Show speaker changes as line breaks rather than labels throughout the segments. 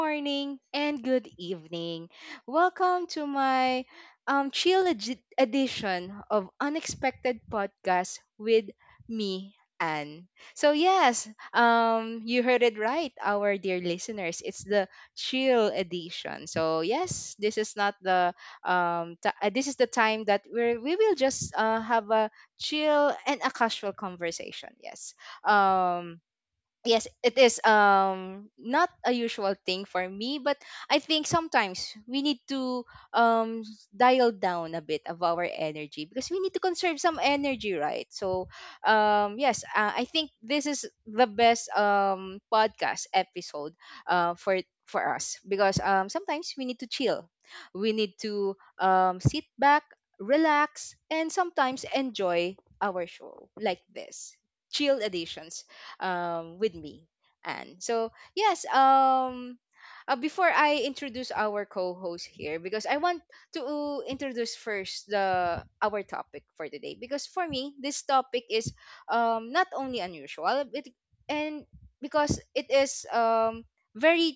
morning, and good evening. Welcome to my edition of Unexpected Podcast with me, Anne. You heard it right, our dear listeners. It's the chill edition. So, yes, this is not this is the time that we will just have a chill and a casual conversation. Yes. Um, yes, it is not a usual thing for me, but I think sometimes we need to um dial down a bit of our energy because we need to conserve some energy, right? So yes, I think this is the best podcast episode for us, because sometimes we need to chill, we need to sit back, relax, and sometimes enjoy our show like this chill edition with me. And so, yes, before I introduce our co-host here, because I want to introduce first the our topic for today. Because for me, this topic is not only unusual, it, and because it is very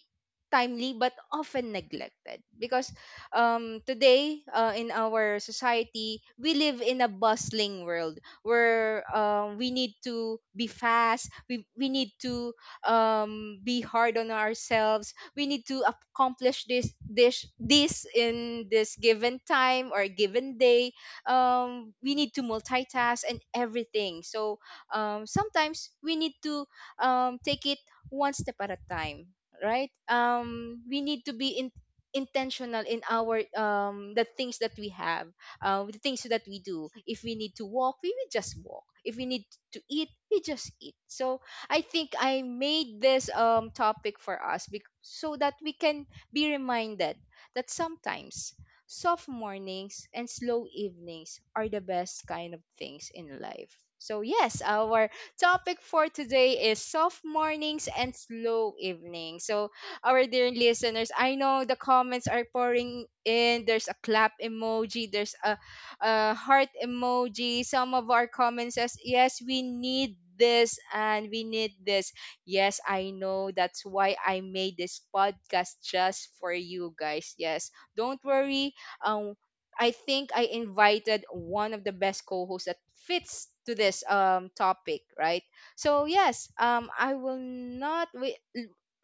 timely but often neglected. Because today in our society, we live in a bustling world where we need to be fast, we need to be hard on ourselves, we need to accomplish this in this given time or given day. We need to multitask and everything, so sometimes we need to take it one step at a time, right? We need to be in intentional in our the things that we have with the things that we do. If we need to walk, we will just walk. If we need to eat, we just eat. So I think I made this topic for us so that we can be reminded that sometimes soft mornings and slow evenings are the best kind of things in life. So, yes, our topic for today is soft mornings and slow evenings. So, our dear listeners. I know the comments are pouring in. There's a clap emoji, there's a heart emoji. Some of our comments says, "Yes, we need this and we need this." Yes, I know that's why I made this podcast just for you guys. Yes. Don't worry. Um I think I invited one of the best co-hosts that fits to this topic, right? So yes, I will not wait.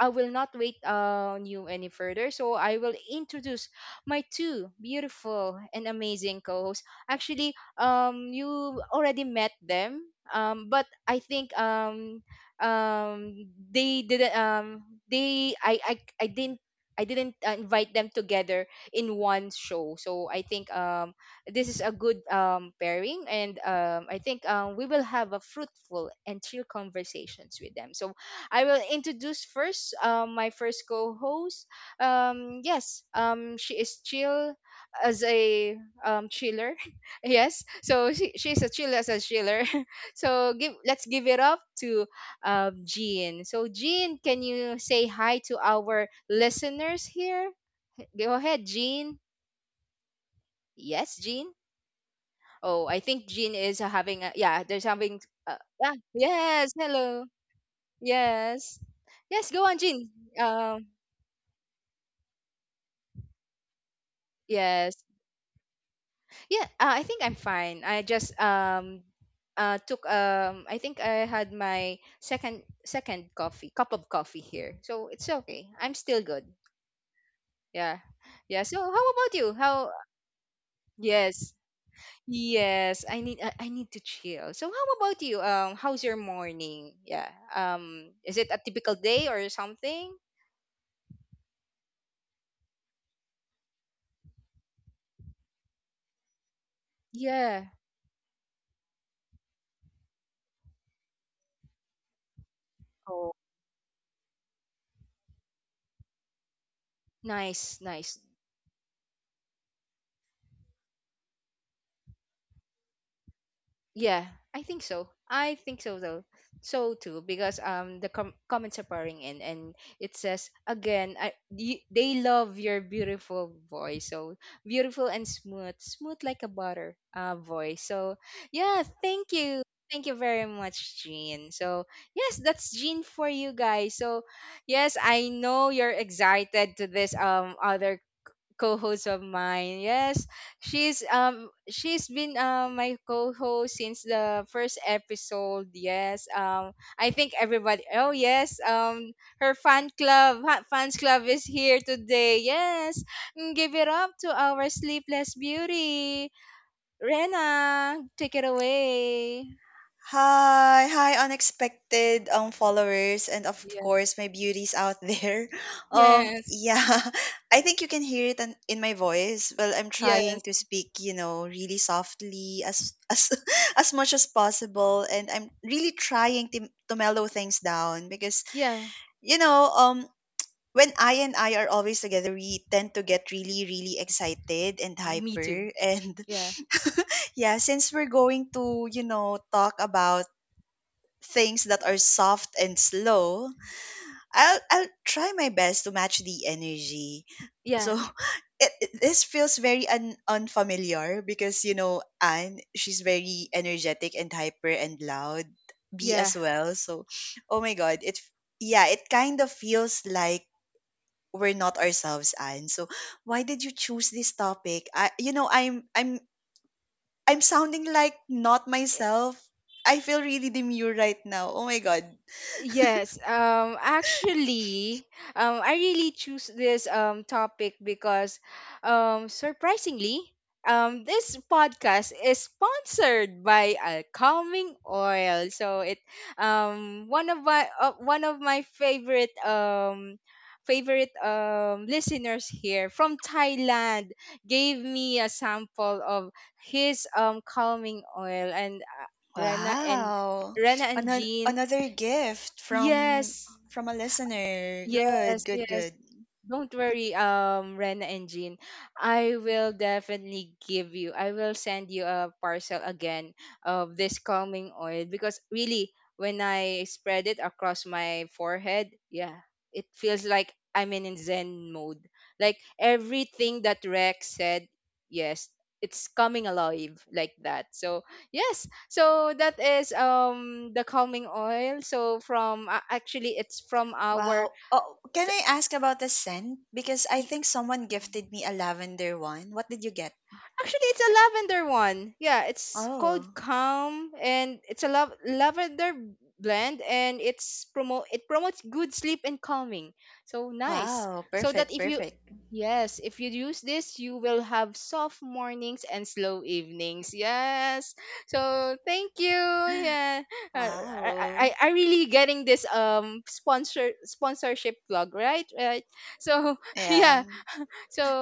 I will not wait on you any further. So I will introduce my two beautiful and amazing co-hosts. Actually, you already met them, but I think they didn't. They I didn't. I didn't invite them together in one show, so I think this is a good pairing, and I think we will have a fruitful and chill conversations with them. So I will introduce first my first co-host. Yes, she is chill as a chiller. yes, so she's a chill as a chiller. so give let's give it up to Jean. So Jean, can you say hi to our listeners here? Go ahead, Jean. Yes, Jean. Oh, I think Jean is having a yeah. There's having uh, yeah. Yes, hello. Yes, yes. Go on, Jean. Um, Yes. Yeah, I think I'm fine. I just took I think I had my second coffee, cup of coffee here. So it's okay. I'm still good. Yeah. Yeah. So how about you? How yes. Yes, I need I need to chill. So how about you? How's your morning? Yeah. Is it a typical day or something? Yeah. Oh, nice, nice. Yeah, I think so. I think so though. So too because the comments are pouring in and it says again they love your beautiful voice. So beautiful and smooth, smooth like a butter voice. So yeah, thank you. Thank you very much, Jean. So yes, that's Jean for you guys. So yes, I know you're excited to this other co-host of mine. Yes, she's been my co-host since the first episode. Yes, I think everybody. Oh yes, her fans club is here today. Yes, Mm, give it up to our sleepless beauty, Rena. Take it away.
Hi, hi, unexpected followers and of
Yeah.
course my beauties out there. Um
Yes.
yeah, I think you can hear it in my voice. Well, I'm trying
Yes.
to speak, you know, really softly as as much as possible, and I'm really trying to mellow things down, because
Yeah.
you know, um when I and I are always together, we tend to get really really excited and
Me too.
hyper, and
Yeah.
yeah, since we're going to, talk about things that are soft and slow, I'll try my best to match the energy.
Yeah.
So it this feels very unfamiliar, because you know Anne, she's very energetic and hyper and loud. B as
Yeah.
well. So oh my god, yeah, it kind of feels like we're not ourselves, Anne. So why did you choose this topic? I you know I'm sounding like not myself. I feel really demure right now. Oh my god.
Yes, actually, I really choose this topic because surprisingly, this podcast is sponsored by a calming oil. So it one of my favorite favorite listeners here from Thailand gave me a sample of his calming oil, and Rena and
Wow.
Rena and
Another
Jean.
another gift from
Yes,
from a listener. Good,
yes,
good,
yes.
good.
Don't worry, Rena and Jean. I will definitely give you. I will send you a parcel again of this calming oil, because really, when I spread it across my forehead, yeah, it feels like I'm in a Zen mode. Like everything that Rex said, yes, it's coming alive like that. So yes, so that is the calming oil. So from actually, it's from our
Wow. Oh, can I ask about the scent? Because I think someone gifted me a lavender one. What did you get?
Actually, it's a lavender one. Yeah, it's called
Oh,
Calm, and it's a lavender blend, and it's promote it promotes good sleep and calming. So nice.
wow.
So that
Perfect,
if you
perfect.
yes, if you use this, you will have soft mornings and slow evenings. Yes. So thank you. Yeah, Uh,
Wow.
I really getting this sponsorship vlog right. So
Yeah.
yeah.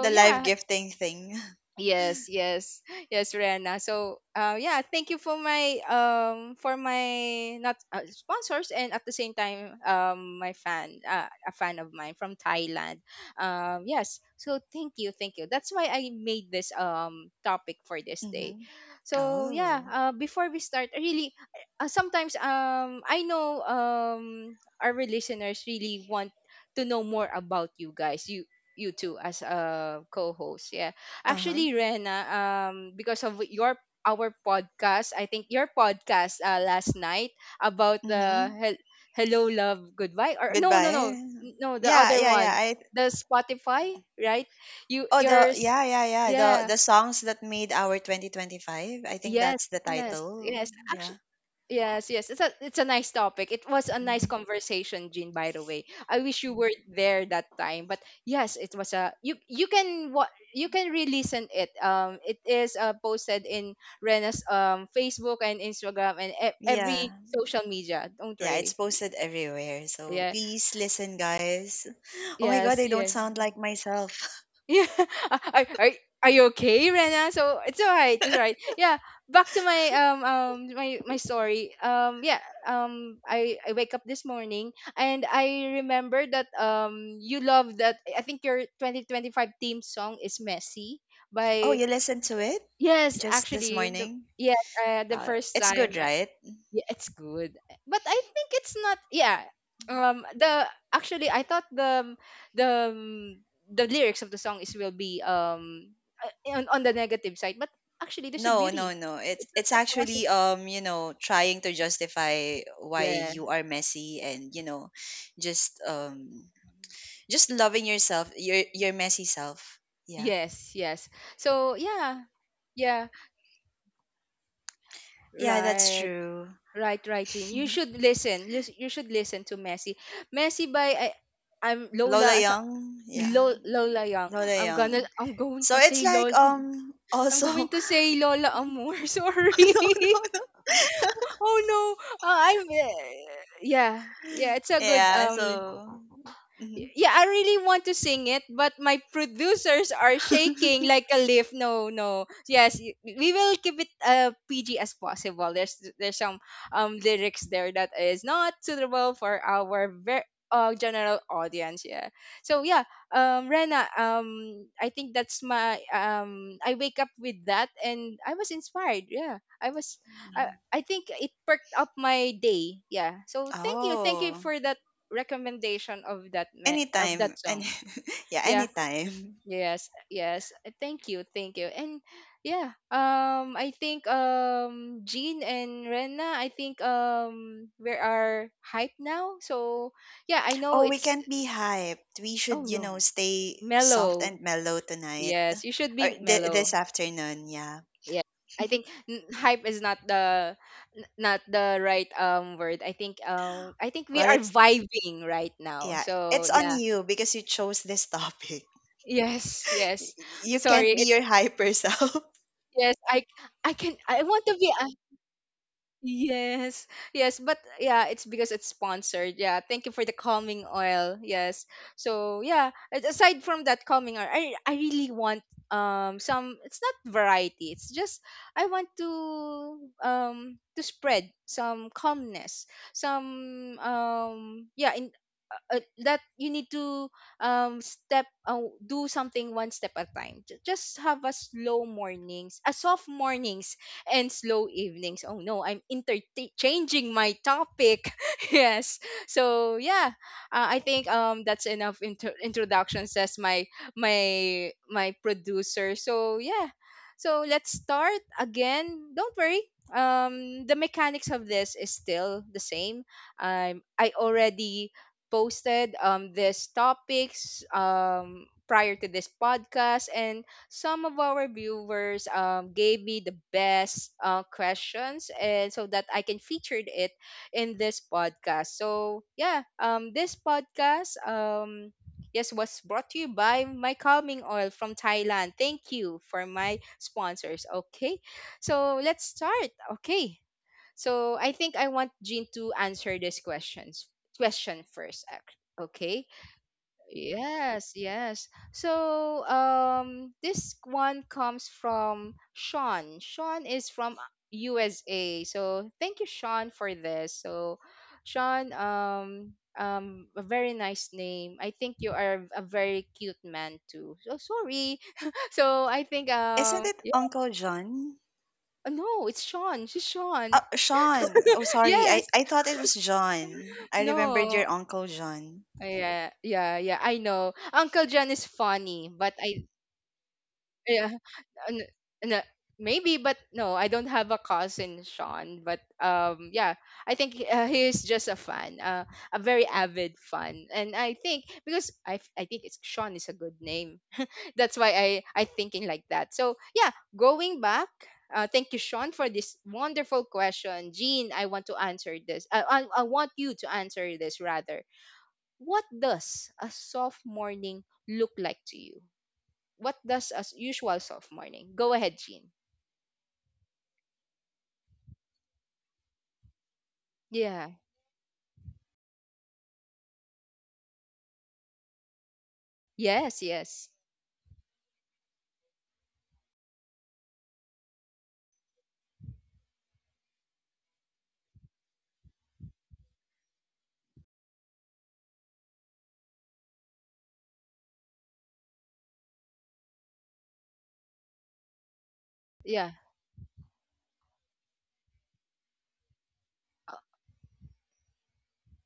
The live
yeah,
gifting thing.
Yes, yes, yes, Rihanna. So, yeah, thank you for my not sponsors, and at the same time my fan a fan of mine from Thailand. Yes, so thank you, thank you. That's why I made this topic for this day.
Mm-hmm.
So yeah,
Oh.
before we start, really, sometimes I know our listeners really want to know more about you guys. You two as a co-host, yeah.
Uh-huh.
Actually, Rena, because of your our podcast, I think your podcast last night about the
Mm-hmm.
Hello Love Goodbye or no
Goodbye.
no, the
Yeah,
other
yeah, yeah.
one,
I
the Spotify, right? You
Oh, the
yours,
yeah, yeah, yeah. The
yeah.
the songs that made our 2025. I think
Yes,
that's the
yes,
title.
yes.
Yeah.
Actually, Yes, yes. It's a nice topic. It was a nice
Hmm.
conversation, Jean, by the way. I wish you were there that time. But yes, it was a you can what you can re-listen it. It is posted in Rena's Facebook and Instagram and every
Yeah,
social media. Don't
Yeah,
worry.
it's posted everywhere. So
Yeah.
please listen, guys. Oh my god,
Yes,
I don't
yes.
sound like myself.
Yeah. Uh, Are, are, are you okay, Rena? So it's all right. It's all right. Yeah. Back to my my story. Yeah. I wake up this morning, and I remember that you love that I think your 2025 theme song is Messy
Oh,
by
you listened to it
Yes,
just this
actually the
morning?
Yes, the
Uh,
first
it's
time.
good, right?
Yeah, it's good. But I think it's not yeah. The actually I thought the the lyrics of the song is will be on the negative side, but actually there's a
No, no,
beauty.
no. It's
It's
it's
not a positive.
actually, trying to justify why
Yeah.
you are messy and, just um just loving yourself, your messy self. Yeah.
Yes, yes. So yeah, yeah.
Yeah, that's
Right.
true.
Right, right, Jean. You should listen. You should listen to Messi. Messi by I'm
Lola Young, yeah,
Lola Young.
Lola Young.
I'm going
So
to
it's
say
like
Lola. I'm
also,
going to say Lola Amor. Sorry.
no, no, no.
oh no. I'm. Yeah. Yeah. It's a good
Yeah. So. Mhm.
yeah, I really want to sing it, but my producers are shaking like a leaf. No, no. Yes, we will keep it PG as possible. There's some lyrics there that is not suitable for our general audience. Yeah. So yeah, Rena, I think that's my I wake up with that, and I was inspired. Yeah, I was. I I think it perked up my day. Yeah. So thank you
Oh,
for that recommendation of
anytime,
that
any
song.
yeah,
Yeah.
anytime.
Yes. Yes. Thank you. Thank you. And yeah. I think Jean and Rena. I think we are hype now. So yeah. I know
Oh, we
it's.
can't be hyped, we
Oh
should
no.
stay soft
Mellow.
and mellow tonight
Yes. You should
or
be mellow.
this afternoon. Yeah,
Yeah. I think hype is not the not the right word. I think we
well,
are
it's,
vibing right now.
yeah,
So
it's on
yeah
you because you chose this topic.
Yes, yes. I'm
You
sorry.
can't be
It,
your hyper self.
yes, I can I want to be Yes, yes, but yeah, it's because it's sponsored. Yeah, thank you for the calming oil. Yes, so yeah, aside from that calming oil, I really want some. It's not variety. It's just I want um to spread some calmness, some yeah in. That you need to step do something one step at a time. Just have a slow mornings, a soft mornings and slow evenings. Oh no, I'm interchanging my topic. Yes. So yeah, I think that's enough introduction says my my producer. So yeah. So let's start again. Don't worry. The mechanics of this is still the same. I already posted these topics prior to this podcast, and some of our viewers gave me the best questions and so that I can feature it in this podcast. So yeah, this podcast, yes, was brought to you by my calming oil from Thailand. Thank you for my sponsors. Okay, so let's start. Okay, so I think I want Jean to answer this questions question first okay. Yes, yes. So, this one comes from Sean. Sean is from USA. So, thank you, Sean, for this. So, Sean, a very nice name. I think you are a very cute man too. So sorry. So I think
Isn't it
yeah.
Uncle John?
No, it's Sean. She's Sean.
Sean. Oh, sorry. I,
Yes.
I thought it was John. I remembered
No.
your Uncle John.
Yeah, yeah, yeah. I know. Uncle John is funny, but I yeah. n- n- Maybe, but no, I don't have a cousin Sean, but yeah, I think he is just a fan, a very avid fan, and I think because I think it's Sean is a good name that's why I thinking like that. So yeah, going back, thank you, Sean, for this wonderful question. Jean, I want to answer this, I want you to answer this rather. What does a soft morning look like to you? What does a usual soft morning? Go ahead, Jean. Yeah. Yes, yes. Yeah.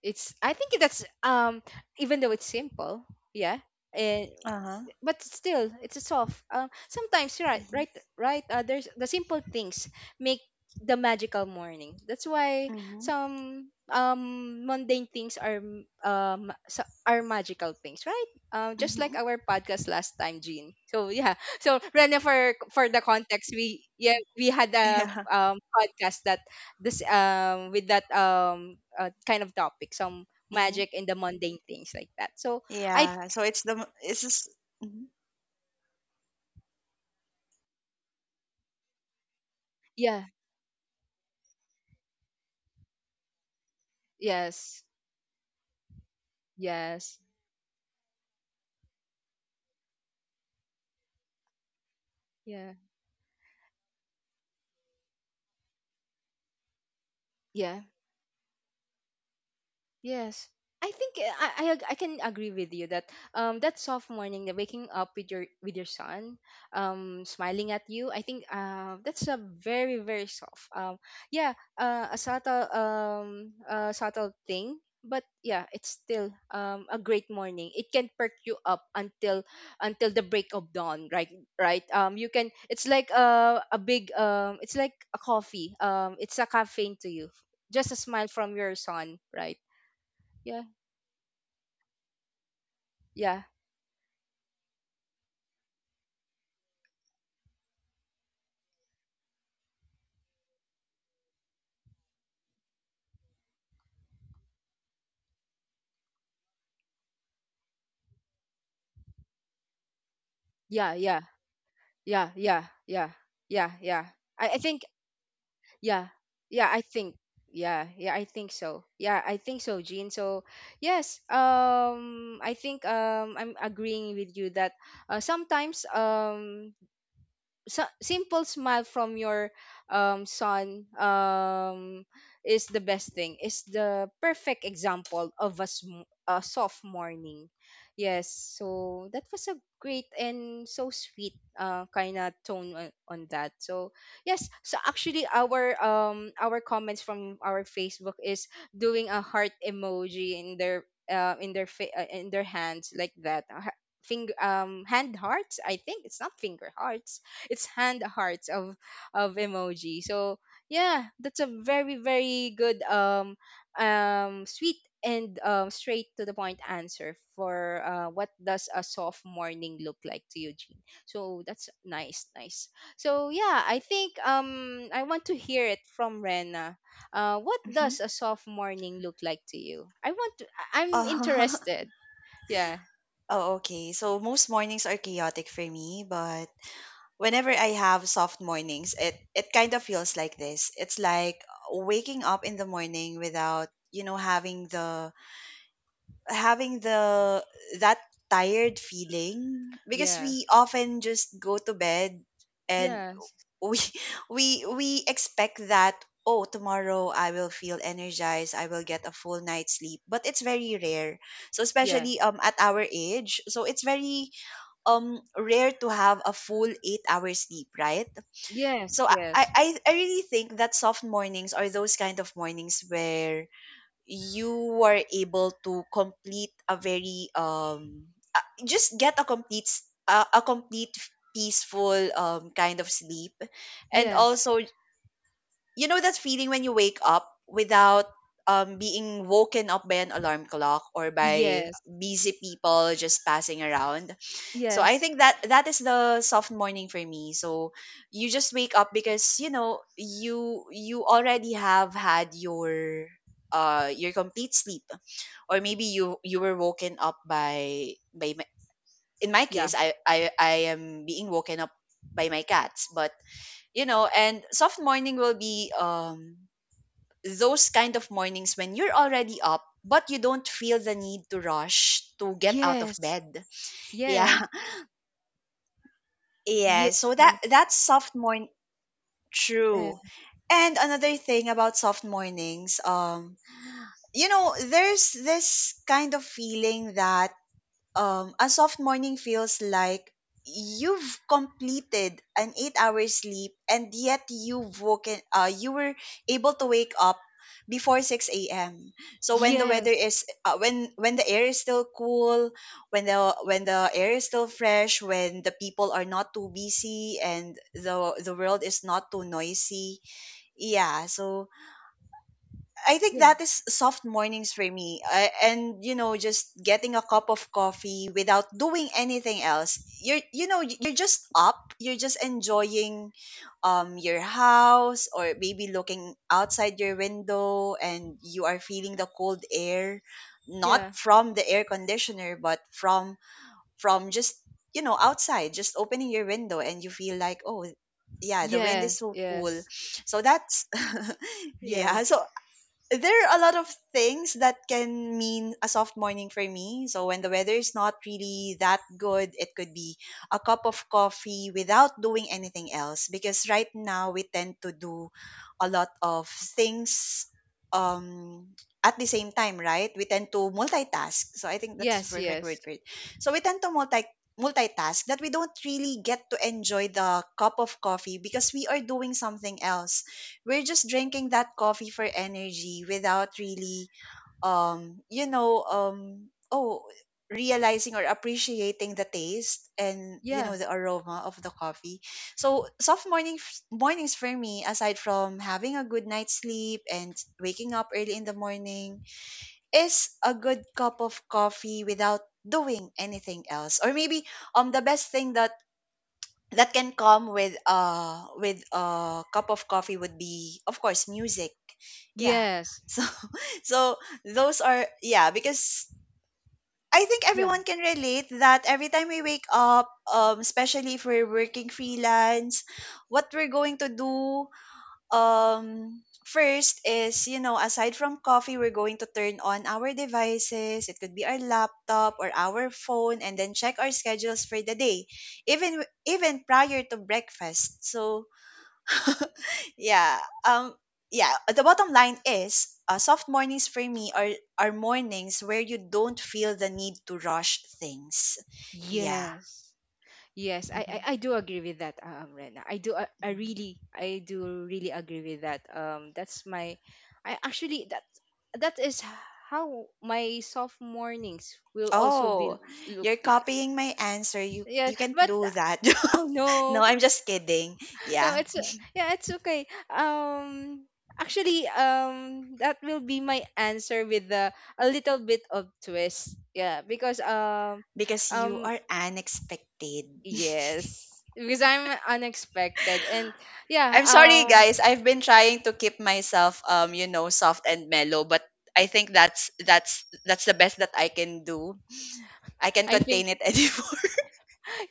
It's I think that's even though it's simple, yeah. And
Uh huh.
but still it's a soft sometimes.
Mm-hmm.
Right right, there's the simple things make the magical morning. That's why
Mm-hmm.
some mundane things are are magical things, right? Just
Mm-hmm.
like our podcast last time, Jean, so yeah. So Rene, for the context, we had a
Yeah.
podcast that this with that kind of topic, some
Mm-hmm.
magic in the mundane things, like that. So I
Yeah. So it's just. Mm-hmm.
yeah yes. Yes. Yeah. Yeah. Yes. I think I I can agree with you that that soft morning, the waking up with your son, smiling at you. I think that's a very very soft yeah, a subtle subtle thing, but yeah, it's still a great morning. It can perk you up until the break of dawn, right? Right. You can. It's like a big It's like a coffee. It's a caffeine to you. Just a smile from your son, right? Yeah, yeah, yeah, yeah, yeah, yeah, yeah, yeah, yeah. I think, yeah, yeah, I think, yeah, yeah, I think so, yeah, I think so, Jean. So yes, I think I'm agreeing with you that sometimes so, simple smile from your son is the best thing, is the perfect example of a, a soft morning. Yes, so that was a great and so sweet kind of tone on that. So yes, so actually our comments from our Facebook is doing a heart emoji in their in their in their hands like that, finger hand hearts. I think it's not finger hearts, it's hand hearts of emoji. So yeah, that's a very very good sweet and straight to the point answer for, what does a soft morning look like to you, Jean. So that's nice, nice. So yeah, I think I want to hear it from Rena. What
Mm-hmm.
does a soft morning look like to you? I want to. I'm
Uh-huh.
interested. Yeah.
Oh, okay. So most mornings are chaotic for me, but whenever I have soft mornings, it kind of feels like this. It's like waking up in the morning without having the having the that tired feeling, because we
Yes.
often just go to bed and
Yes.
we we expect that, oh, tomorrow I will feel energized, I will get a full night's sleep, but it's very rare. So
Yeah.
especially at our age, so it's very rare to have a full 8-hour sleep, right?
Yes.
So I I
Yes.
I I really think that soft mornings are those kind of mornings where you were able to complete a very just get a complete a complete peaceful kind of sleep, and
Yes.
also that feeling when you wake up without being woken up by an alarm clock or by
Yes,
busy people just passing around. So I
yes,
think that that is the soft morning for me. So you just wake up because you already have had your complete sleep, or maybe you were woken up by in my
yeah,
case I am being woken up by my cats, but and soft morning will be those kind of mornings when you're already up but you don't feel the need to rush to get out of
yes,
bed.
yes,
Yeah. Yeah,
yes,
so that's soft morning.
uh,
True. And another thing about soft mornings, there's this kind of feeling that, a soft morning feels like you've completed an 8-hour sleep, and yet you were able to wake up before 6 a.m. So when the weather
yes,
is when the air is still cool, when the when the air is still fresh, when the people are not too busy and the world is not too noisy, yeah, so I think
yeah,
that is soft mornings for me. And just getting a cup of coffee without doing anything else. You're just up, you're just enjoying your house, or maybe looking outside your window and you are feeling the cold air, not
yeah,
from the air conditioner but from just outside, just opening your window, and you feel like, oh yeah, the wind is
yes,
so cool.
yes,
So that's, yeah, so
yes,
there are a lot of things that can mean a soft morning for me. So when the weather is not really that good, it could be a cup of coffee without doing anything else. Because right now we tend to do a lot of things um at the same time, right? We tend to multitask. So I think that's the
yes,
perfect word
yes,
for it. So we tend to multitask that we don't really get to enjoy the cup of coffee, because we are doing something else, we're just drinking that coffee for energy without really um you know um oh realizing or appreciating the taste, and
yeah,
the aroma of the coffee. So soft mornings for me, aside from having a good night's sleep and waking up early in the morning, is a good cup of coffee without doing anything else, or maybe the best thing that can come with a cup of coffee would be, of course, music. Yeah,
yes,
so, so those are, yeah, because I think
yeah,
everyone can relate that every time we wake up, especially if we're working freelance, what we're going to do um first is, aside from coffee, we're going to turn on our devices, it could be our laptop or our phone, and then check our schedules for the day, even even prior to breakfast. So yeah, um yeah, the bottom line is, soft mornings for me are mornings where you don't feel the need to rush things. Yeah.
yes, yes.
Mhm.
I do agree with that, Rena. I
Mhm.
really, I do really agree with that. That's my, I actually that is how my soft mornings will also be
Oh,
look
you're
like.
copying my answer. You
Yeah,
you can't
but
do that.
oh no.
No, I'm just kidding.
No,
Yeah,
it's yeah, it's okay. Actually, that will be my answer with the a little bit of twist. Yeah, because
because you
um,
are unexpected.
yes, because I'm unexpected, and yeah,
I'm sorry, guys. I've been trying to keep myself soft and mellow, but I think that's the best that I can do. I can
I think,
contain it anymore.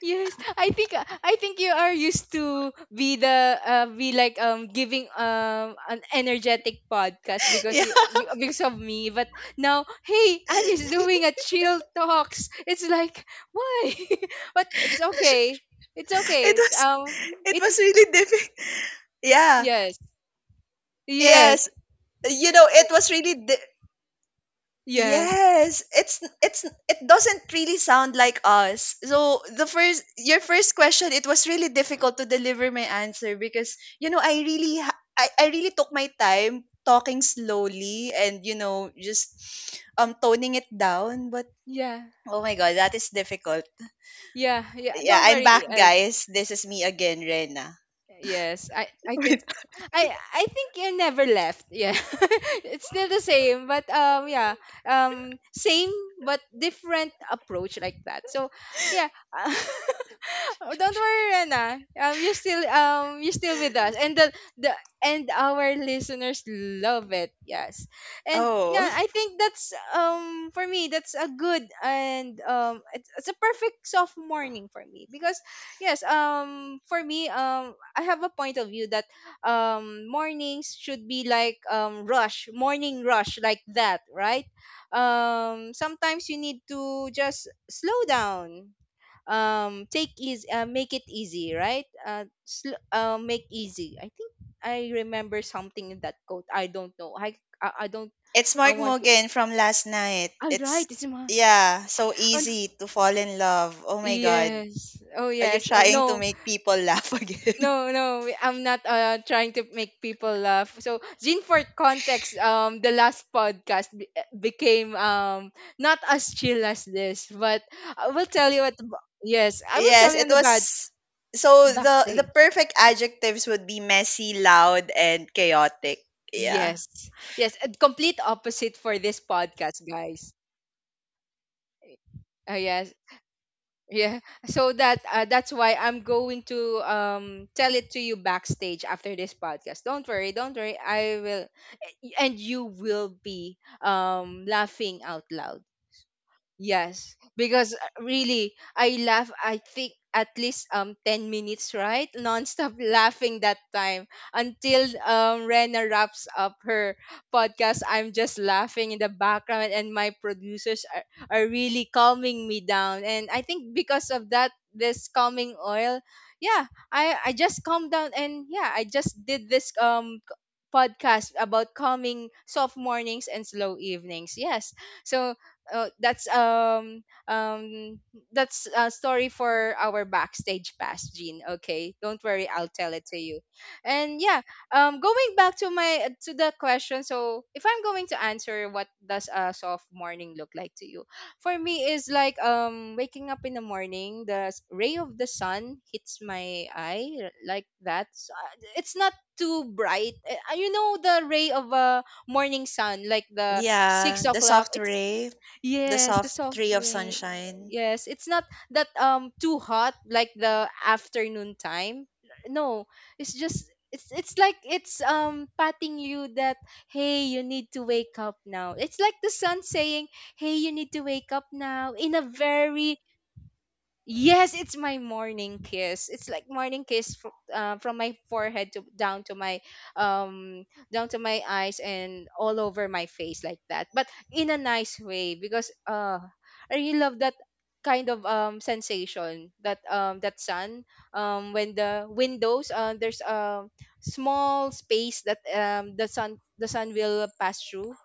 yes, I think, I think you are used to be the, be like giving an energetic podcast because
Yeah.
because of me. But now, hey, Annie's doing a chill talks. It's like why? But it's okay. It's
It
okay. It's
was
um
it
it
was really difficult. Yeah.
yes yes
Yes. It was really
yes
yes, it doesn't really sound like us. So the first your first question, it was really difficult to deliver my answer, because I really took my time talking slowly and, just toning it down. But
yeah
oh my god, that is difficult.
yeah yeah.
Yeah,
Don't
I'm
worry.
back,
Yes.
guys. This is me again, Rena.
Yes, I can
Wait.
I think you never left. Yeah. It's still the same, but yeah, same but different approach like that. So, yeah. uh, Oh, don't worry, Rena. You still you're still with us. And the and our listeners love it. Yes. And yeah,
Oh,
I think that's for me that's a good and it's a perfect soft morning for me because yes, for me I have a point of view that mornings should be like rush, morning rush like that, right? Sometimes you need to just slow down. Take easy, make it easy, right? Make easy. I think I remember something in that quote. I don't know. I don't,
it's
I
Mark
want to.
Mogan from last night.
Alright,
It's,
right, it's my.
yeah, so
Oh, no.
easy to fall in love. Oh my god.
Yes. Oh,
Are you
yes. Oh,
trying to
no.
make people laugh
No,
again?
no, I'm not trying to make people laugh. So, Jean, for context, the last podcast became not as chill as this, but I will tell you what. Yes, I will tell
Yes,
you
it
on the bad
was, so the
backstage.
perfect adjectives would be messy, loud, and chaotic. Yeah.
Yes, yes, and complete opposite for this podcast, guys. Yes, yeah. So that, that's why I'm going to tell it to you backstage after this podcast. Don't worry, don't worry. I will, and you will be laughing out loud. Yes, because really, I laugh. I think at least 10 minutes, right? Non-stop laughing that time until Rena wraps up her podcast. I'm just laughing in the background, and my producers are really calming me down. And I think because of that, this calming oil, yeah, I just calmed down, and yeah, I just did this podcast about calming soft mornings and slow evenings. Yes. So uh, that's um um that's a story for our backstage pass, Jean. Okay, don't worry, I'll tell it to you. And yeah, going back to my to the question, so if I'm going to answer what does a soft morning look like to you, for me is like waking up in the morning, the ray of the sun hits my eye like that. So, it's not too bright. Eh, you know, the ray of a morning sun like the
Yeah.
six
The
o'clock
soft
It's
ray. The
yes, the
soft ray of
suffering. Yeah, yeah,
sunshine.
yeah. Yes, it's not that too hot like the afternoon time. No, it's just it's like it's patting you that hey, you need to wake up now. It's like the sun saying hey, you need to wake up now in a very yes, it's my morning kiss. It's like morning kiss from my forehead to down to my eyes and all over my face like that. But in a nice way, because I really love that kind of sensation that that sun when the windows there's a small space that the sun will pass through.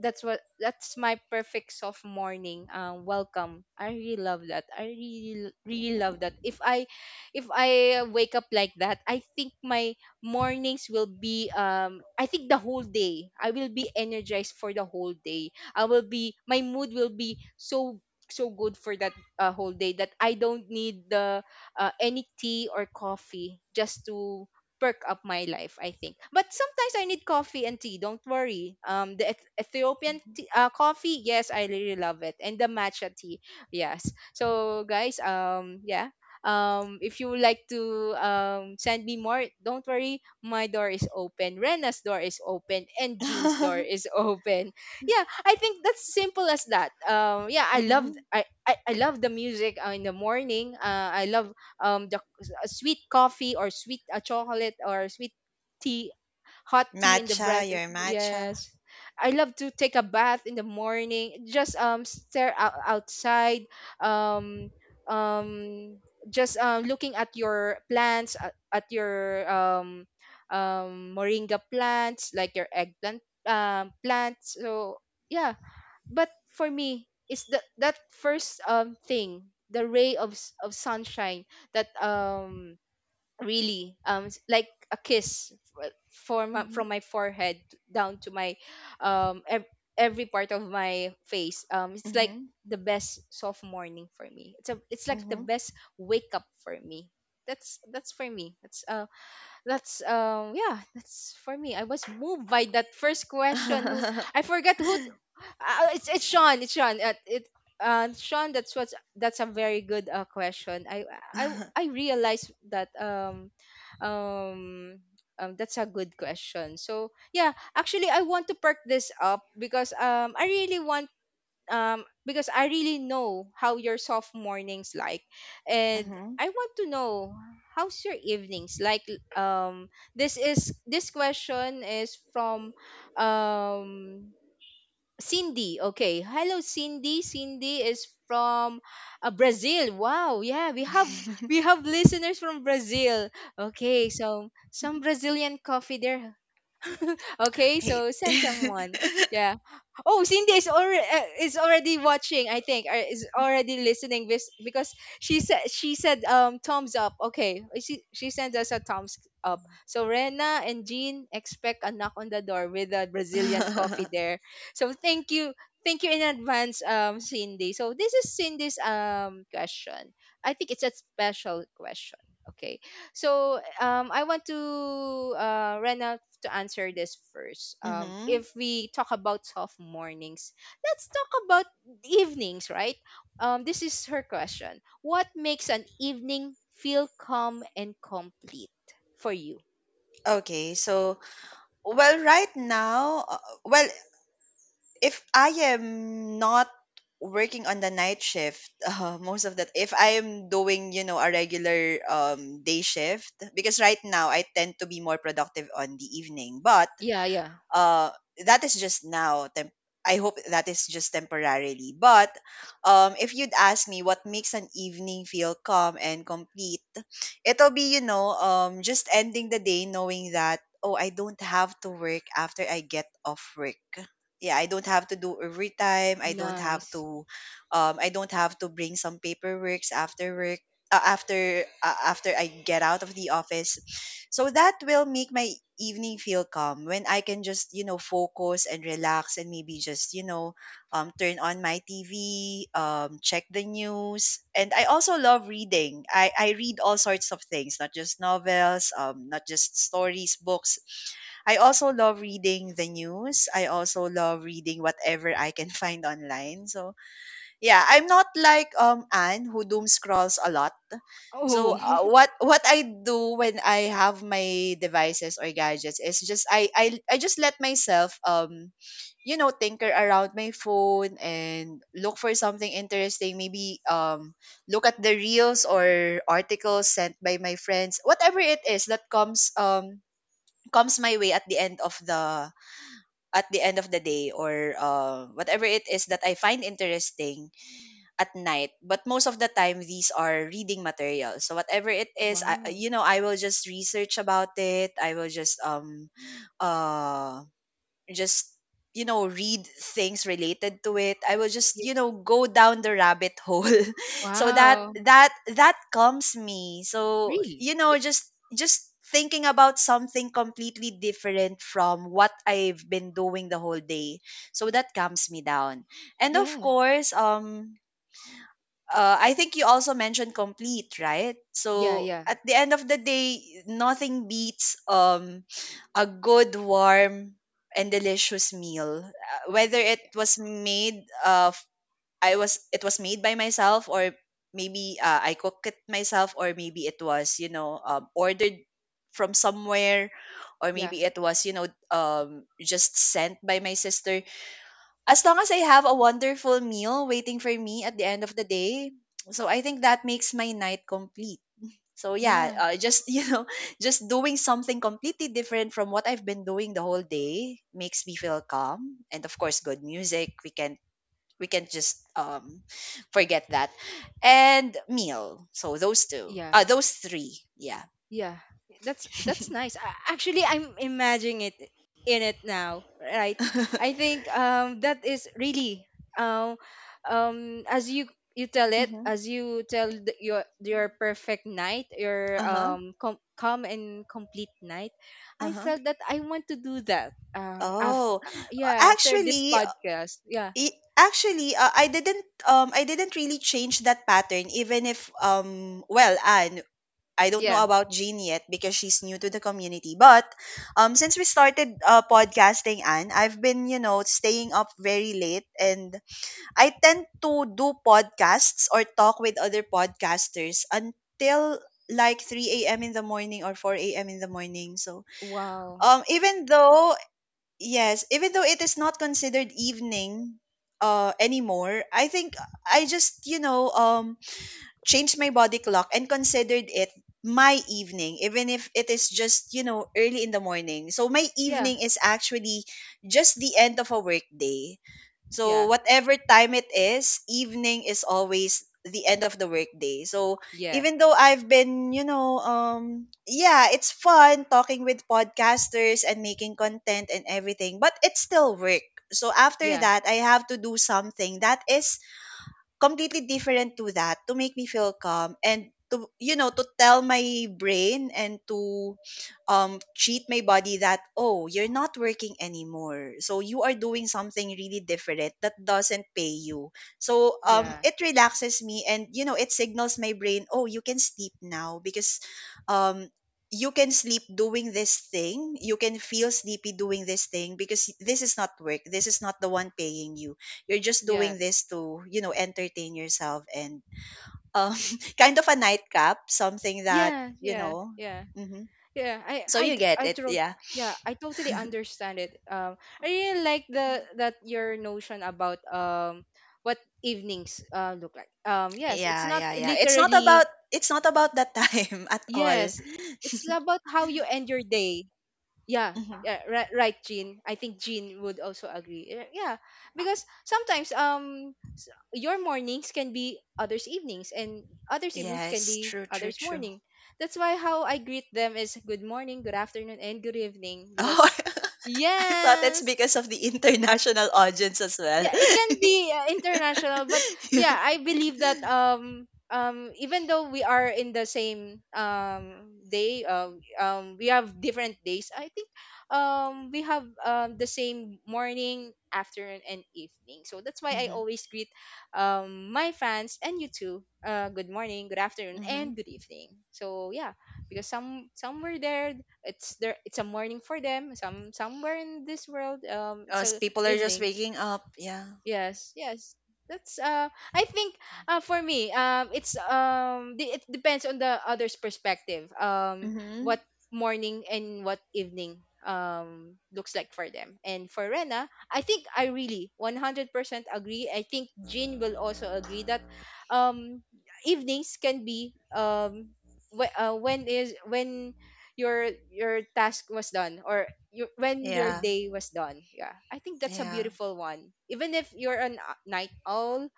That's what that's my perfect soft morning welcome. I really love that. I really really love that. If I wake up like that, I think my mornings will be I think the whole day I will be energized. For the whole day, I will be, my mood will be so so good for that whole day that I don't need the, any tea or coffee just to perk up my life, I think. But sometimes I need coffee and tea. Don't worry. The Ethiopian tea, coffee, yes, I really love it, and the matcha tea, yes. So guys, yeah. If you would like to send me more, don't worry. My door is open. Rena's door is open, and Jean's door is open. Yeah, I think that's simple as that. Yeah, I love,
Mm-hmm.
I love the music, in the morning. I love the a sweet coffee or sweet chocolate or sweet tea, hot tea in the
Matcha,
breakfast.
your matcha.
Yes, I love to take a bath in the morning, just stare out outside, um um just looking at your plants, at your moringa plants, like your eggplant plants. So yeah, but for me, it's that first thing, the ray of of sunshine that really like a kiss for my,
Mm-hmm.
from my forehead down to my um ev- every part of my face. It's like
Mm-hmm.
the best soft morning for me. It's a, it's like the
Mm-hmm.
best wake up for me. That's for me. That's Yeah, that's for me. I was moved by that first question. Who, I forgot who, it's, it's Sean. That's what's, that's a very good question. I i i realized that um that's a good question. So yeah, actually, I want to perk this up because I really want, because I really know how your soft mornings like, and
Mm-hmm.
I want to know how's your evenings like. This is, this question is from um Cindy. Okay, hello Cindy. Cindy is from Brazil. Wow, yeah, we have listeners from Brazil. Okay, so some Brazilian coffee there. Okay,
Hate.
so send someone. Yeah. Oh, Cindy is already watching, I think, or is already listening this, because she said thumbs up. Okay, eh, she sends us a thumbs up. So Rena and Jean, expect a knock on the door with a Brazilian coffee there. So thank you. Thank you in advance, Cindy. So this is Cindy's question. I think it's a special question. Okay, so I want to Rena to answer this first.
Mm-hmm.
If we talk about soft mornings, let's talk about evenings, right? This is her question. What makes an evening feel calm and complete for you?
Okay, so, well, right now, well, if I am not working on the night shift, most of that, if I am doing, a regular, day shift, because right now I tend to be more productive on the evening. But
Yeah, yeah.
uh that is I hope that is just temporarily. But if you'd ask me what makes an evening feel calm and complete, it'll be, just ending the day knowing that, oh, I don't have to work after I get off work. Yeah, I don't have to do overtime, I don't have
Nice.
to I don't have to bring some paperwork after work, after I get out of the office. So that will make my evening feel calm when I can just, focus and relax, and maybe just, turn on my TV, check the news. And I also love reading. I read all sorts of things, not just novels, not just stories, books. I also love reading the news. I also love reading whatever I can find online. So yeah, I'm not like Anne who doom scrolls a lot. So,
Oh,
what I do when I have my devices or gadgets is, just I just let myself, tinker around my phone and look for something interesting. Maybe look at the reels or articles sent by my friends. Whatever it is that comes comes my way at the end of the day, or whatever it is that I find interesting at night, but most of the time these are reading materials. So whatever it is, I,
wow.
you know I will just research about it. I will just uh just read things related to it. I will just
Yeah.
go down the rabbit hole. So that
Wow.
that that calms me. So
Really?
you know just just thinking about something completely different from what I've been doing the whole day, so that calms me down. And of
Yeah.
course, I think you also mentioned complete, right?
Yeah,
So
yeah.
at the end of the day, nothing beats a good, warm, and delicious meal. Whether it
Y-
was made by myself, or maybe I cook it myself, or maybe it was ordered from somewhere, or
Yeah.
maybe it was just sent by my sister. As long as I have a wonderful meal waiting for me at the end of the day, so I think that makes my night complete. So yeah,
Yeah.
just just doing something completely different from what I've been doing the whole day makes me feel calm, and of course, good music. We can just forget that, and meal. So those two,
Yeah.
those three, yeah.
Yeah, that's nice. Actually, I'm imagining it in it now, right? I think that is really um as you tell it,
Mm-hmm.
as you tell the, your perfect night, your
Uh huh.
calm and complete night.
Uh
I
huh.
felt that I want to do that. After,
Oh,
yeah, after this
actually,
podcast, yeah,
I didn't really change that pattern, even if well, Anne, I don't
yeah,
know about Jean yet because she's new to the community, but since we started podcasting, Anne, I've been staying up very late, and I tend to do podcasts or talk with other podcasters until like 3 a.m in the morning or 4 a.m in the morning. So
wow,
even though, yes, even though it is not considered evening anymore, I think I just, changed my body clock and considered it my evening, even if it is just, early in the morning. So my
yeah,
evening is actually just the end of a workday. So
yeah,
whatever time it is, evening is always the end of the workday. So
yeah,
even though I've been, yeah, it's fun talking with podcasters and making content and everything, but it's still work. So after
yeah,
that, I have to do something that is completely different to that, to make me feel calm, and to to tell my brain, and to cheat my body that, oh, you're not working anymore, so you are doing something really different that doesn't pay you. So
yeah,
it relaxes me, and it signals my brain, oh, you can sleep now because um you can sleep doing this thing. You can feel sleepy doing this thing because this is not work, this is not the one paying you. You're just doing
yes,
this to entertain yourself, and um kind of a nightcap, something that
yeah,
you
yeah,
know
yeah.
hmm,
Yeah, I
so
I
you
t-
get
I
it,
tro-
yeah,
yeah, I totally understand it. I really like the that your notion about what evenings look like. Yes, it's
yeah,
not
yeah, yeah. it's not about
literally,
it's not about that time. At all.
yes, it's about how you end your day. Yeah,
Hmm.
yeah, right, right, Jean. I think Jean would also agree. Eh, yeah, because sometimes your mornings can be others' evenings, and others' evenings can
Yes,
be
true, true,
others'
true.
morning. That's why how I greet them is good morning, good afternoon, and good evening.
Oh,
Because
I thought it's
yes,
because of the international audience as well.
yeah, it can be international, but yeah, I believe that even though we are in the same day, we have different days. I think we have the same morning, afternoon, and evening. So that's why I
Mm-hmm,
always greet my fans, and you too, good morning, good afternoon, and
mm-hmm.
good evening. So yeah, because somewhere there, it's there, it's a morning for them. Somewhere in this world, it's a
People are just
evening.
waking up, yeah.
Yes, yes. That's uh, I think uh, for me, it's it depends on the other's perspective,
Hmm.
what morning and what evening looks like for them. And for Rena, I think I really 100% agree. I think Jean will also agree that um evenings can be when is when your task was done, or your when your
Yeah,
day was done. Yeah, I think that's a
yeah.
beautiful one, even if you're a night owl,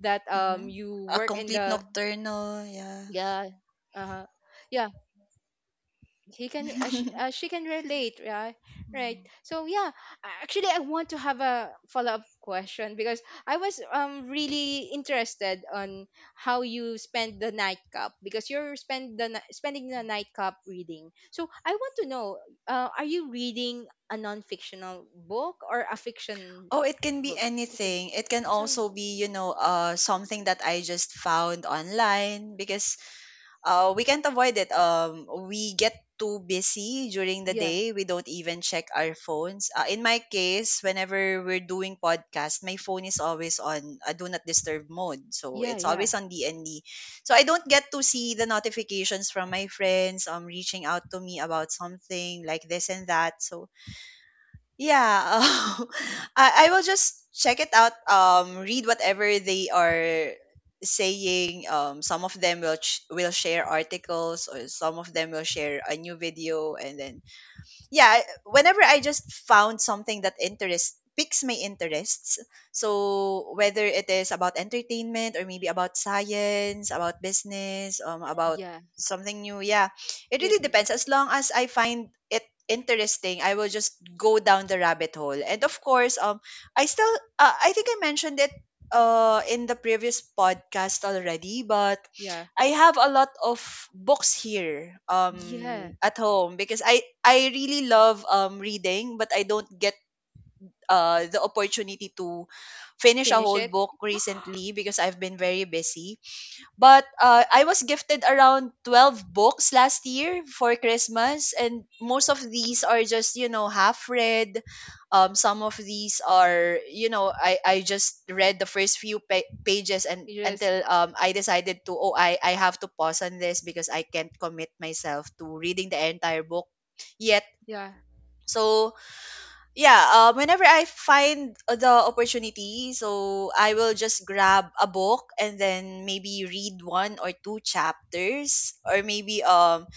that
Mhm.
you
A
work in
complete
the,
nocturnal, yeah.
yeah, uh yeah, he can she can relate, right, right? So yeah, actually, I want to have a follow-up question, because I was really interested on how you spend the nightcap, because you're spending the nightcap reading. So I want to know, are you reading a non-fictional book or a fiction
Oh, it can be
book? Fiction.
anything. It can
So
also be something that I just found online, because we can't avoid it. We get too busy during the
yeah,
day. We don't even check our phones. In my case, whenever we're doing podcast, my phone is always on a do not disturb mode, so
yeah,
it's
yeah,
always on DND. So I don't get to see the notifications from my friends reaching out to me about something like this and that. So yeah, I will just check it out. Read whatever they are saying. Some of them will share articles, or some of them will share a new video, and then, yeah, whenever I just found something that interest piques my interests, so whether it is about entertainment or maybe about science, about business, about
yeah,
something new, yeah, it
it,
really depends. As long as I find it interesting, I will just go down the rabbit hole. And of course, I still, I think I mentioned it, in the previous podcast already, but
yeah,
I have a lot of books here
yeah,
at home, because I really love reading, but I don't get the opportunity to finish a
finish
whole
it.
book recently because I've been very busy. But I was gifted around 12 books last year for Christmas, and most of these are just, half read. Some of these are, you know, I just read the first few pages, and
You just,
until I decided to, oh, I have to pause on this because I can't commit myself to reading the entire book yet.
yeah.
So yeah, whenever I find the opportunity, so I will just grab a book and then maybe read one or two chapters, or maybe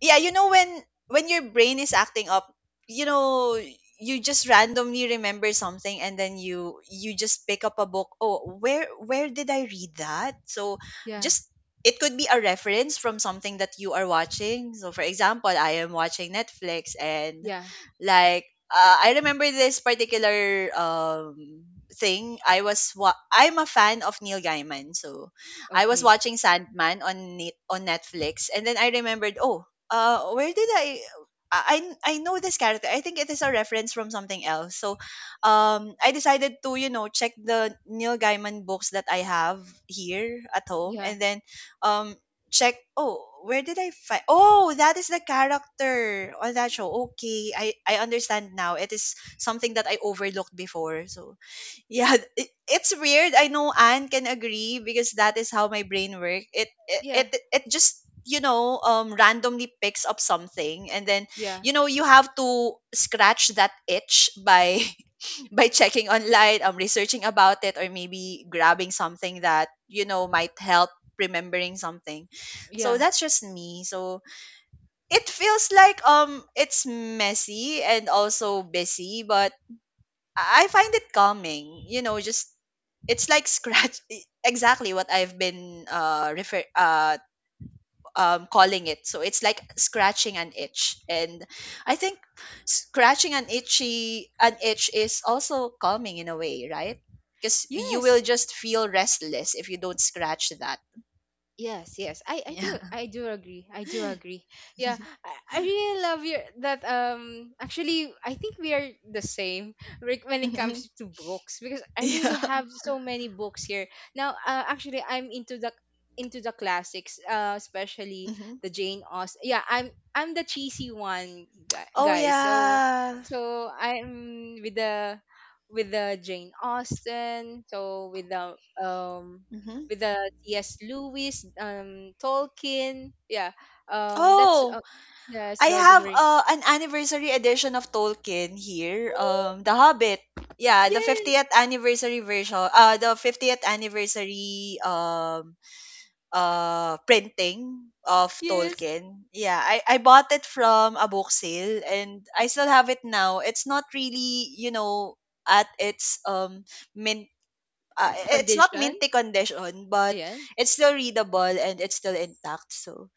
yeah, when your brain is acting up, you know, you just randomly remember something, and then you just pick up a book. Oh, where did I read that? So
Yeah,
just, it could be a reference from something that you are watching. So for example, I am watching Netflix, and
yeah,
like I remember this particular thing. I'm a fan of Neil Gaiman, so I was
okay.
watching Sandman on Netflix, and then I remembered, oh, where did I know this character. I think it is a reference from something else. So I decided to, check the Neil Gaiman books that I have here at home,
Yeah,
and then um check, oh, where did I find, oh, that is the character on that show. Okay, I understand now. It is something that I overlooked before. So yeah, it's weird. I know Anne can agree because that is how my brain works. It, it
yeah,
it it just randomly picks up something, and then
yeah,
you have to scratch that itch by by checking online, researching about it, or maybe grabbing something that might help remembering something. So
yeah.
that's just me. So it feels like it's messy and also busy, but I find it calming, just, it's like scratch exactly what I've been refer calling it. So it's like scratching an itch. And I think scratching an itchy an itch is also calming in a way, right? Because you will
Yes,
just feel restless if you don't scratch that.
yes, yes. I I do
Yeah.
I do agree. I do agree. Yeah, I really love your that actually, I think we are the same, Rick, when it
Mhm.
comes to books, because I really
Yeah.
have so many books here. Now, actually, I'm into the classics, especially
Hmm.
the Jane Austen. Yeah, I'm the cheesy one,
Oh,
guys. So
yeah.
so I'm with the, with the Jane Austen, so
Hmm.
with the C.S. Lewis, Tolkien. Yeah, that's
Oh,
yes,
I
Lord of the
have
Rings.
an anniversary edition of Tolkien here. The Hobbit. Yeah, the
Yes,
50th anniversary version. The 50th anniversary printing of
yes.
Tolkien. Yeah, I bought it from a book sale, and I still have it now. It's not really at its mint. Uh, it's not
Condition.
minty condition, but
Yes.
it's still readable and it's still intact. So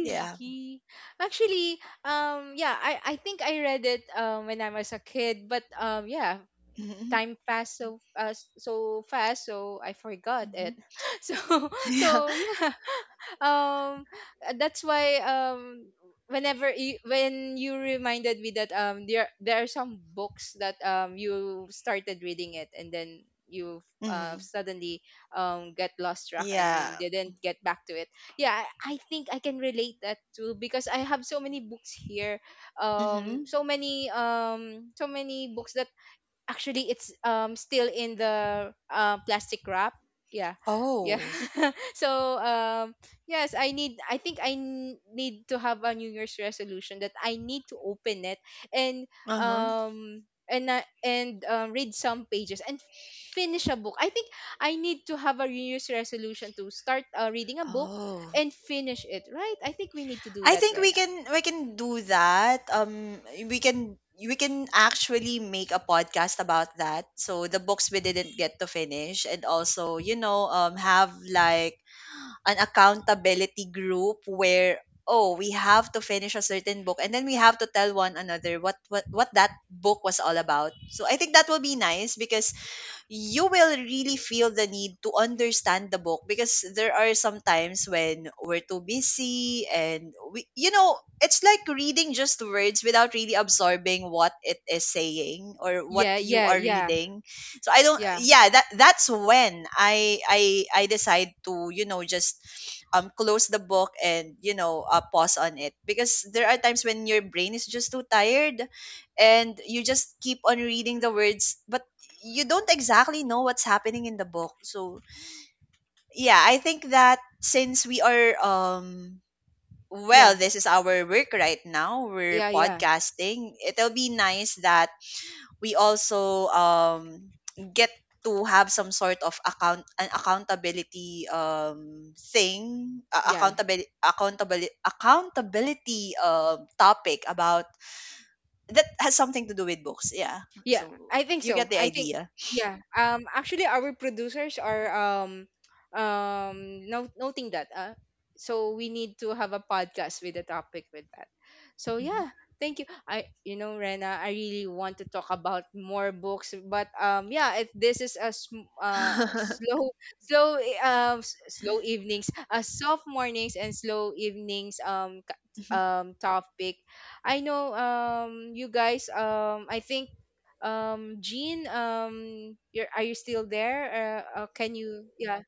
yeah.
Actually, yeah, I think I read it when I was a kid, but yeah,
Hmm.
time passed so fast, so I forgot it. So
Yeah.
so yeah, um that's why whenever you, when you reminded me that there there are some books that you started reading it, and then you
Mhm.
suddenly get lost track, and
Yeah.
you didn't get back to it. Yeah, I think I can relate that too, because I have so many books here,
Mhm.
so many, so many books that actually it's still in the plastic wrap. Yeah, yeah,
Oh.
so yes, I think I need to have a new year's resolution that I need to open it, and
Uh-huh.
and read some pages and finish a book. I think I need to have a new year's resolution to start reading a book
Oh.
and finish it, right? I think we need to do
I
that,
think we
Rena.
can we can do that. We can actually make a podcast about that. So the books we didn't get to finish, and also, have like an accountability group where, oh, we have to finish a certain book, and then we have to tell one another what that book was all about. So I think that will be nice because you will really feel the need to understand the book, because there are some times when we're too busy, and we you know it's like reading just words without really absorbing what it is saying or what
Yeah,
you
yeah,
are
yeah,
reading. So I don't
yeah,
yeah, that's when I decide to, just close the book, and pause on it, because there are times when your brain is just too tired, and you just keep on reading the words, but you don't exactly know what's happening in the book. So yeah, I think that since we are well,
yeah,
this is our work right now. We're
yeah, yeah,
podcasting. It'll be nice that we also get to have some sort of accountability thing
yeah.
accountability accountability accountability topic about that has something to do with books. Yeah,
Yeah,
so
I think
you
so.
get the
I think
idea.
yeah. Actually, our producers are no, noting that. So we need to have a podcast with a topic with that. So yeah, thank you. I, you know, Rena, I really want to talk about more books, but yeah, it, this is a
Mhm.
slow, slow slow evenings, soft mornings and slow evenings topic. I know you guys, I think Jean, you're, are you still there? Can you, yeah,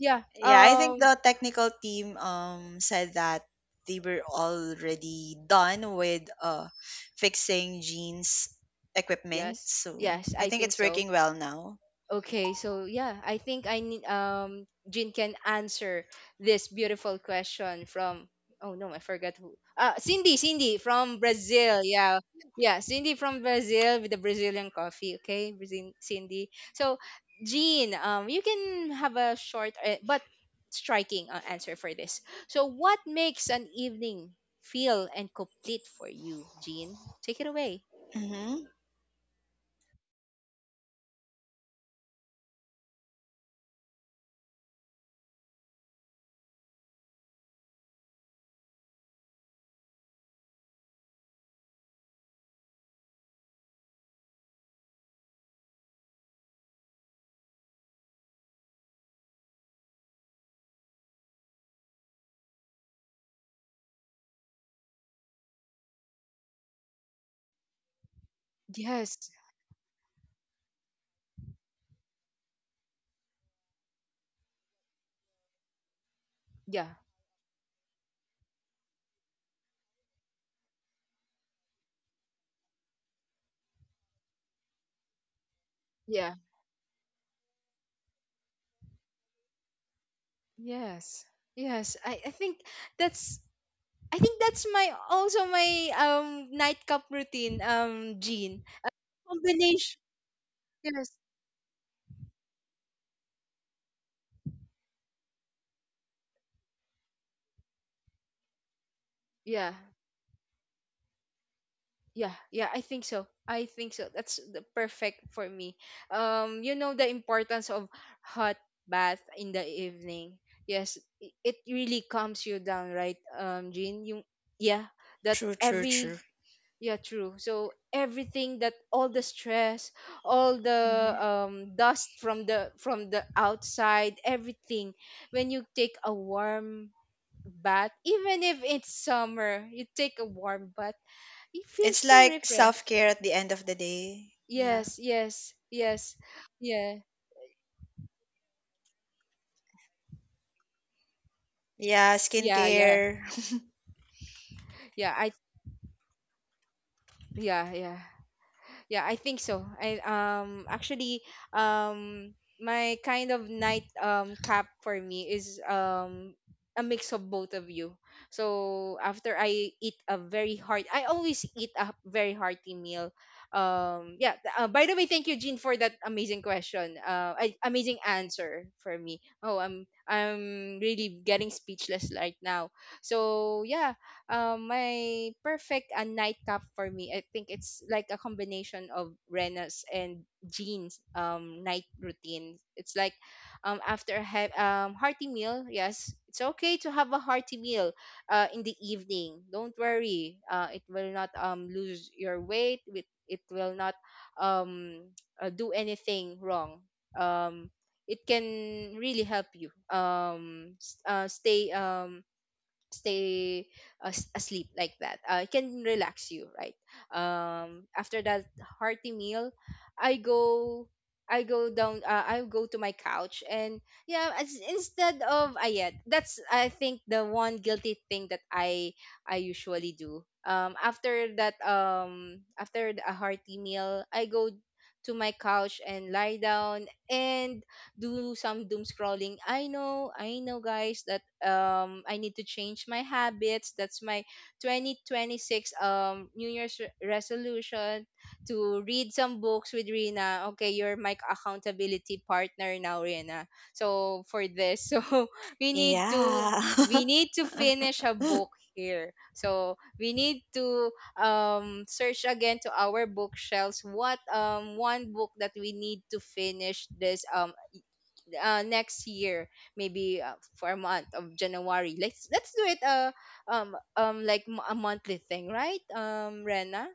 yeah,
Yeah, I think the technical team said that they were already done with fixing Jean's equipment.
yes,
So
yes,
I
I
think
think
it's
so.
working well now.
Okay, so yeah, I think I need Jin can answer this beautiful question from, oh no, I forgot who. Uh, Cindy, Cindy from Brazil. Yeah. Yeah, Cindy from Brazil with the Brazilian coffee, okay? Brazil Cindy. So, Jean, you can have a short but striking answer for this. So, what makes an evening feel and complete for you, Jean? Take it away.
Mm-hmm.
Yes. Yeah. Yes. Yes. I think that's, I think that's my also my nightcap routine, Jean. Combination. Yes. Yeah. Yeah. Yeah. I think so. I think so. That's the perfect for me. You know the importance of hot bath in the evening. Yes. It really calms you down, right, Jean? You, yeah. That
True, true, true.
every, yeah, true. So everything, that all the stress, all the
Mm-hmm.
dust from the, from the outside, everything. When you take a warm bath, even if it's summer, you take a warm bath, you feel
It's
so
like
refreshed.
self care at the end of the day. Yeah.
Yes, yes, yes. Yeah.
Yeah,
Yeah, yeah.
skincare.
Yeah, yeah, yeah. I think so. I, actually, um my kind of night cap for me is a mix of both of you. So after I eat a very heart, I always eat a very hearty meal. Yeah, by the way, thank you, Jean, for that amazing question. Amazing answer for me. Oh, I'm really getting speechless right now. So yeah, my perfect nightcap for me, I think it's like a combination of Rena's and Jean's night routine. It's like after a hearty meal. Yes, it's okay to have a hearty meal in the evening. Don't worry, it will not lose your weight. It will not um, do anything wrong. Um, it can really help you stay stay asleep like that. It can relax you, right? After that hearty meal, I go. I go down. I go to my couch, and yeah, as, instead of yeah, that's I think the one guilty thing that I usually do. After that, after a hearty meal, I go to my couch and lie down, and do some doom scrolling. I know, guys, that I need to change my habits. That's my 2026 New Year's resolution to read some books with Rina. Okay, you're my accountability partner now, Rina. So for this, so we need to
Yeah.
we need to finish a book here. So we need to search again to our bookshelves what one book that we need to finish this next year, maybe, for a month of January. Let's do it. Like a monthly thing, right? Rena,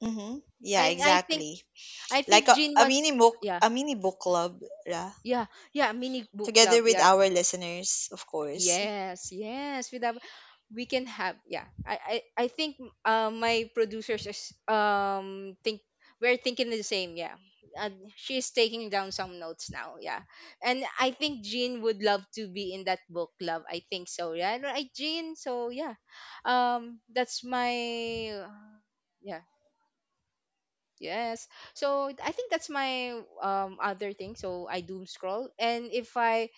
Mm-hmm. Yeah,
and i think
exactly.
i
Like
think
a,
Jean
a mini
was,
book
yeah,
club, yeah.
yeah, yeah, mini book club.
Together with
Yeah.
our listeners, of course.
Yes, yes. With that, we can have. Yeah, I think, my producers is, think we're thinking the same. Yeah, uh, she's taking down some notes now. Yeah, and I think Jean would love to be in that book club. I think so. Yeah, right, Jean. So yeah, that's my, yeah. Yes. So I think that's my other thing. So I doom scroll, and if I,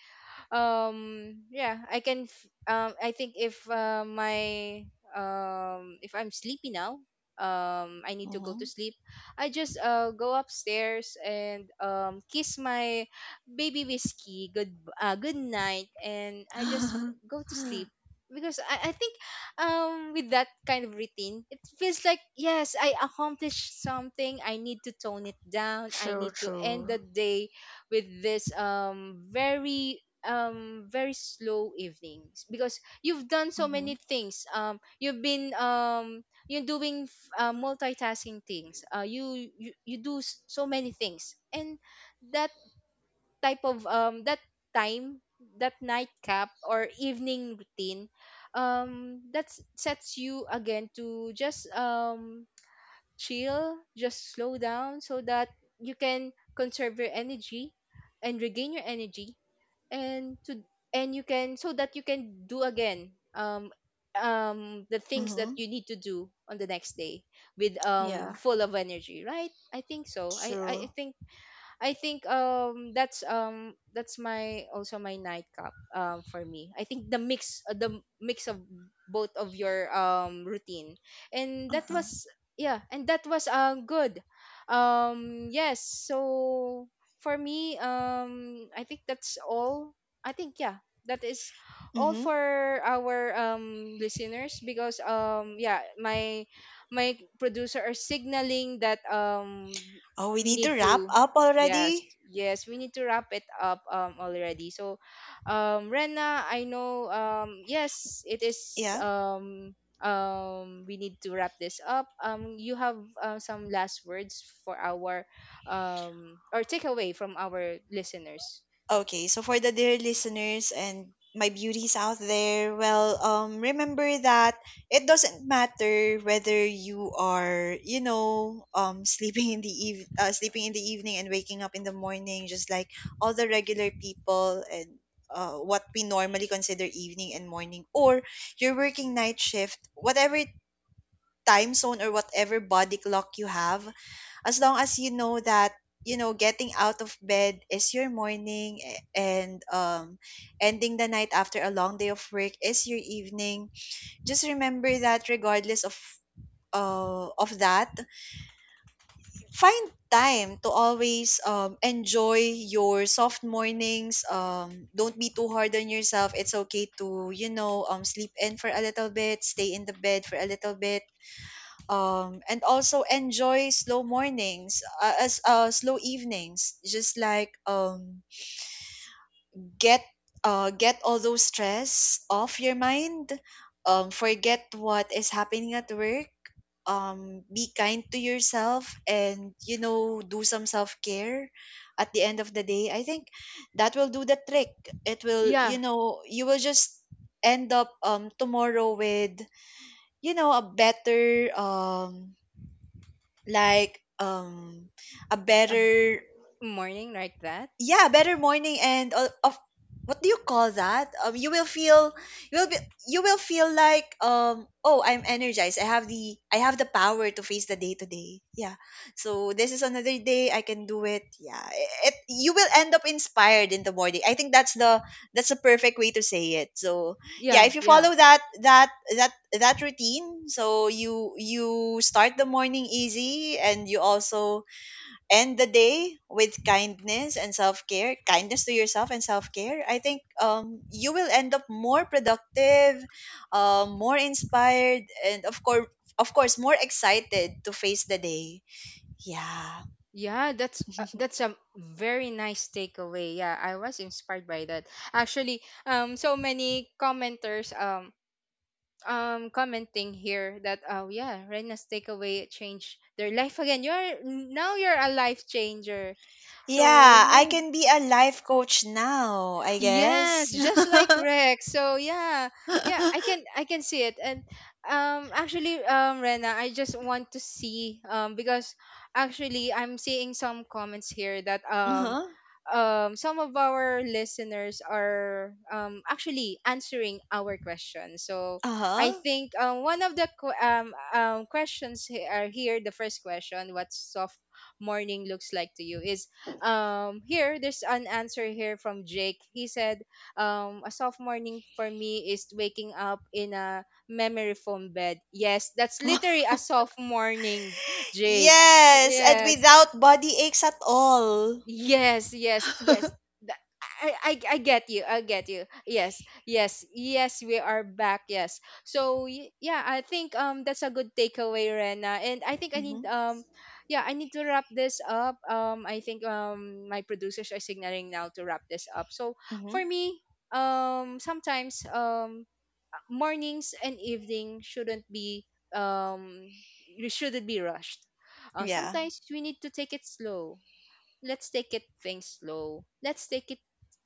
yeah, I can, I think, if my, if I'm sleepy now, I need to go to
Mhm.
sleep. I just go upstairs and kiss my baby Whiskey good, good night, and I just go to sleep, because I think, with that kind of routine, it feels like, yes, I accomplished something. I need to tone it down. I
True,
need to end the
true.
day with this, very, very slow evenings, because you've done so
Mm-hmm.
many things. You've been, you're doing, multitasking things. You do so many things, and that type of, that time, that nightcap or evening routine, that sets you again to just chill, just slow down, so that you can conserve your energy and regain your energy, and to and you can so that you can do again, the things that
Mm-hmm.
you need to do on the next day, with
Yeah,
full of energy, right? I think so. i i
true.
I think I think that's, that's my, also my, nightcap, for me. I think the mix of both of your routine, and that
Uh-huh.
was, yeah, and that was good. Yes, so for me, I think that's all. I think, yeah, that is all
Mm-hmm.
for our listeners, because, yeah, my producer are signaling that,
Oh, we
we
need to
need
wrap
to.
up
Yes,
already?
yes, we need to wrap it up already. So, Rena, I know, yes, it is,
Yeah.
we need to wrap this up. You have, some last words for our, or takeaway from, our listeners.
Okay, so for the dear listeners and my beauties out there, well, remember that it doesn't matter whether you are, sleeping in the evening and waking up in the morning, just like all the regular people, and what we normally consider evening and morning, or you're working night shift, whatever time zone or whatever body clock you have. As long as you know that getting out of bed is your morning, and ending the night after a long day of work is your evening, just remember that regardless of that, find time to always enjoy your soft mornings. Don't be too hard on yourself. It's okay to sleep in for a little bit, stay in the bed for a little bit, and also enjoy slow mornings, as slow evenings. Just like, get all those stress off your mind. Forget what is happening at work. Be kind to yourself, and do some self-care at the end of the day. I think that will do the trick. It will,
Yeah,
you will just end up tomorrow with a better like um a
a
better
morning like that.
yeah better morning, and all of what do you call that you will feel you will be you will feel like oh, I'm energized. I have the power to face the day today, yeah. So this is another day, I can do it, yeah. You will end up inspired in the morning. I think that's the perfect way to say it. So yeah,
Yeah,
if you
yeah,
follow that that routine, so you start the morning easy, and you also end the day with kindness and self-care, kindness to yourself and self-care. I think you will end up more productive, more inspired, and of course more excited to face the day, yeah.
yeah. That's a very nice takeaway. Yeah, I was inspired by that. Actually, so many commenters, commenting here that, oh, yeah, Rena's takeaway changed their life again. You're now, you're a life changer. So
Yeah, I
yeah.
can be a life coach now, I
Yes,
guess.
just like Rex. So yeah, yeah, I can see it. And, actually, Rena, I just want to see, because actually I'm seeing some comments here that,
Uh-huh,
some of our listeners are actually answering our question. So I
uh-huh.
think one of the questions are here. The first question, what soft morning looks like to you, is here. There's an answer here from Jake. He said, a soft morning for me is waking up in a memory foam bed. Yes, that's literally a soft morning, Jake.
Yes, and
Yes,
without body aches at all.
yes, yes, yes. Th- I get you. I get you. Yes, yes, yes. We are back. Yes. So yeah, I think that's a good takeaway, Rena. And I think I
Mm-hmm,
need, yeah, I need to wrap this up. I think my producers are signaling now to wrap this up. So
mm-hmm.
for me, sometimes, mornings and evening shouldn't be, um you shouldn't be rushed.
Yeah,
Sometimes we need to take it slow. Let's take it things slow. Let's take it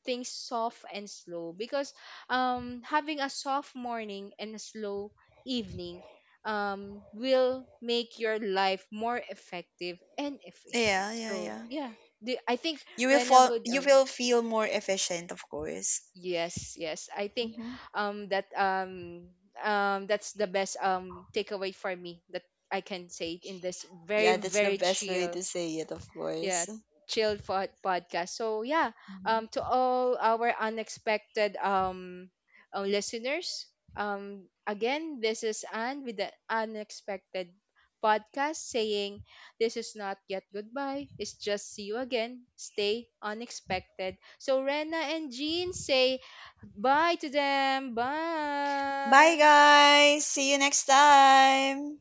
things soft and slow, because having a soft morning and a slow evening will make your life more effective and efficient.
yeah, yeah,
So
yeah.
yeah, the, I think
You will
Rena
fall
would,
you will feel more efficient, of course.
yes, yes, I think
Mhm.
that, that's the best takeaway for me that I can say in this very,
Yeah, that's the
very
best way
chill,
to say it, of
yeah,
course.
chilled podcast. So yeah,
Mhm.
to all our unexpected, listeners, again, this is Anne with the Unexpected Podcast, saying this is not yet goodbye. It's just see you again. Stay unexpected. So Rena and Jean, say bye to them.
Bye
Bye.
guys. See you next time.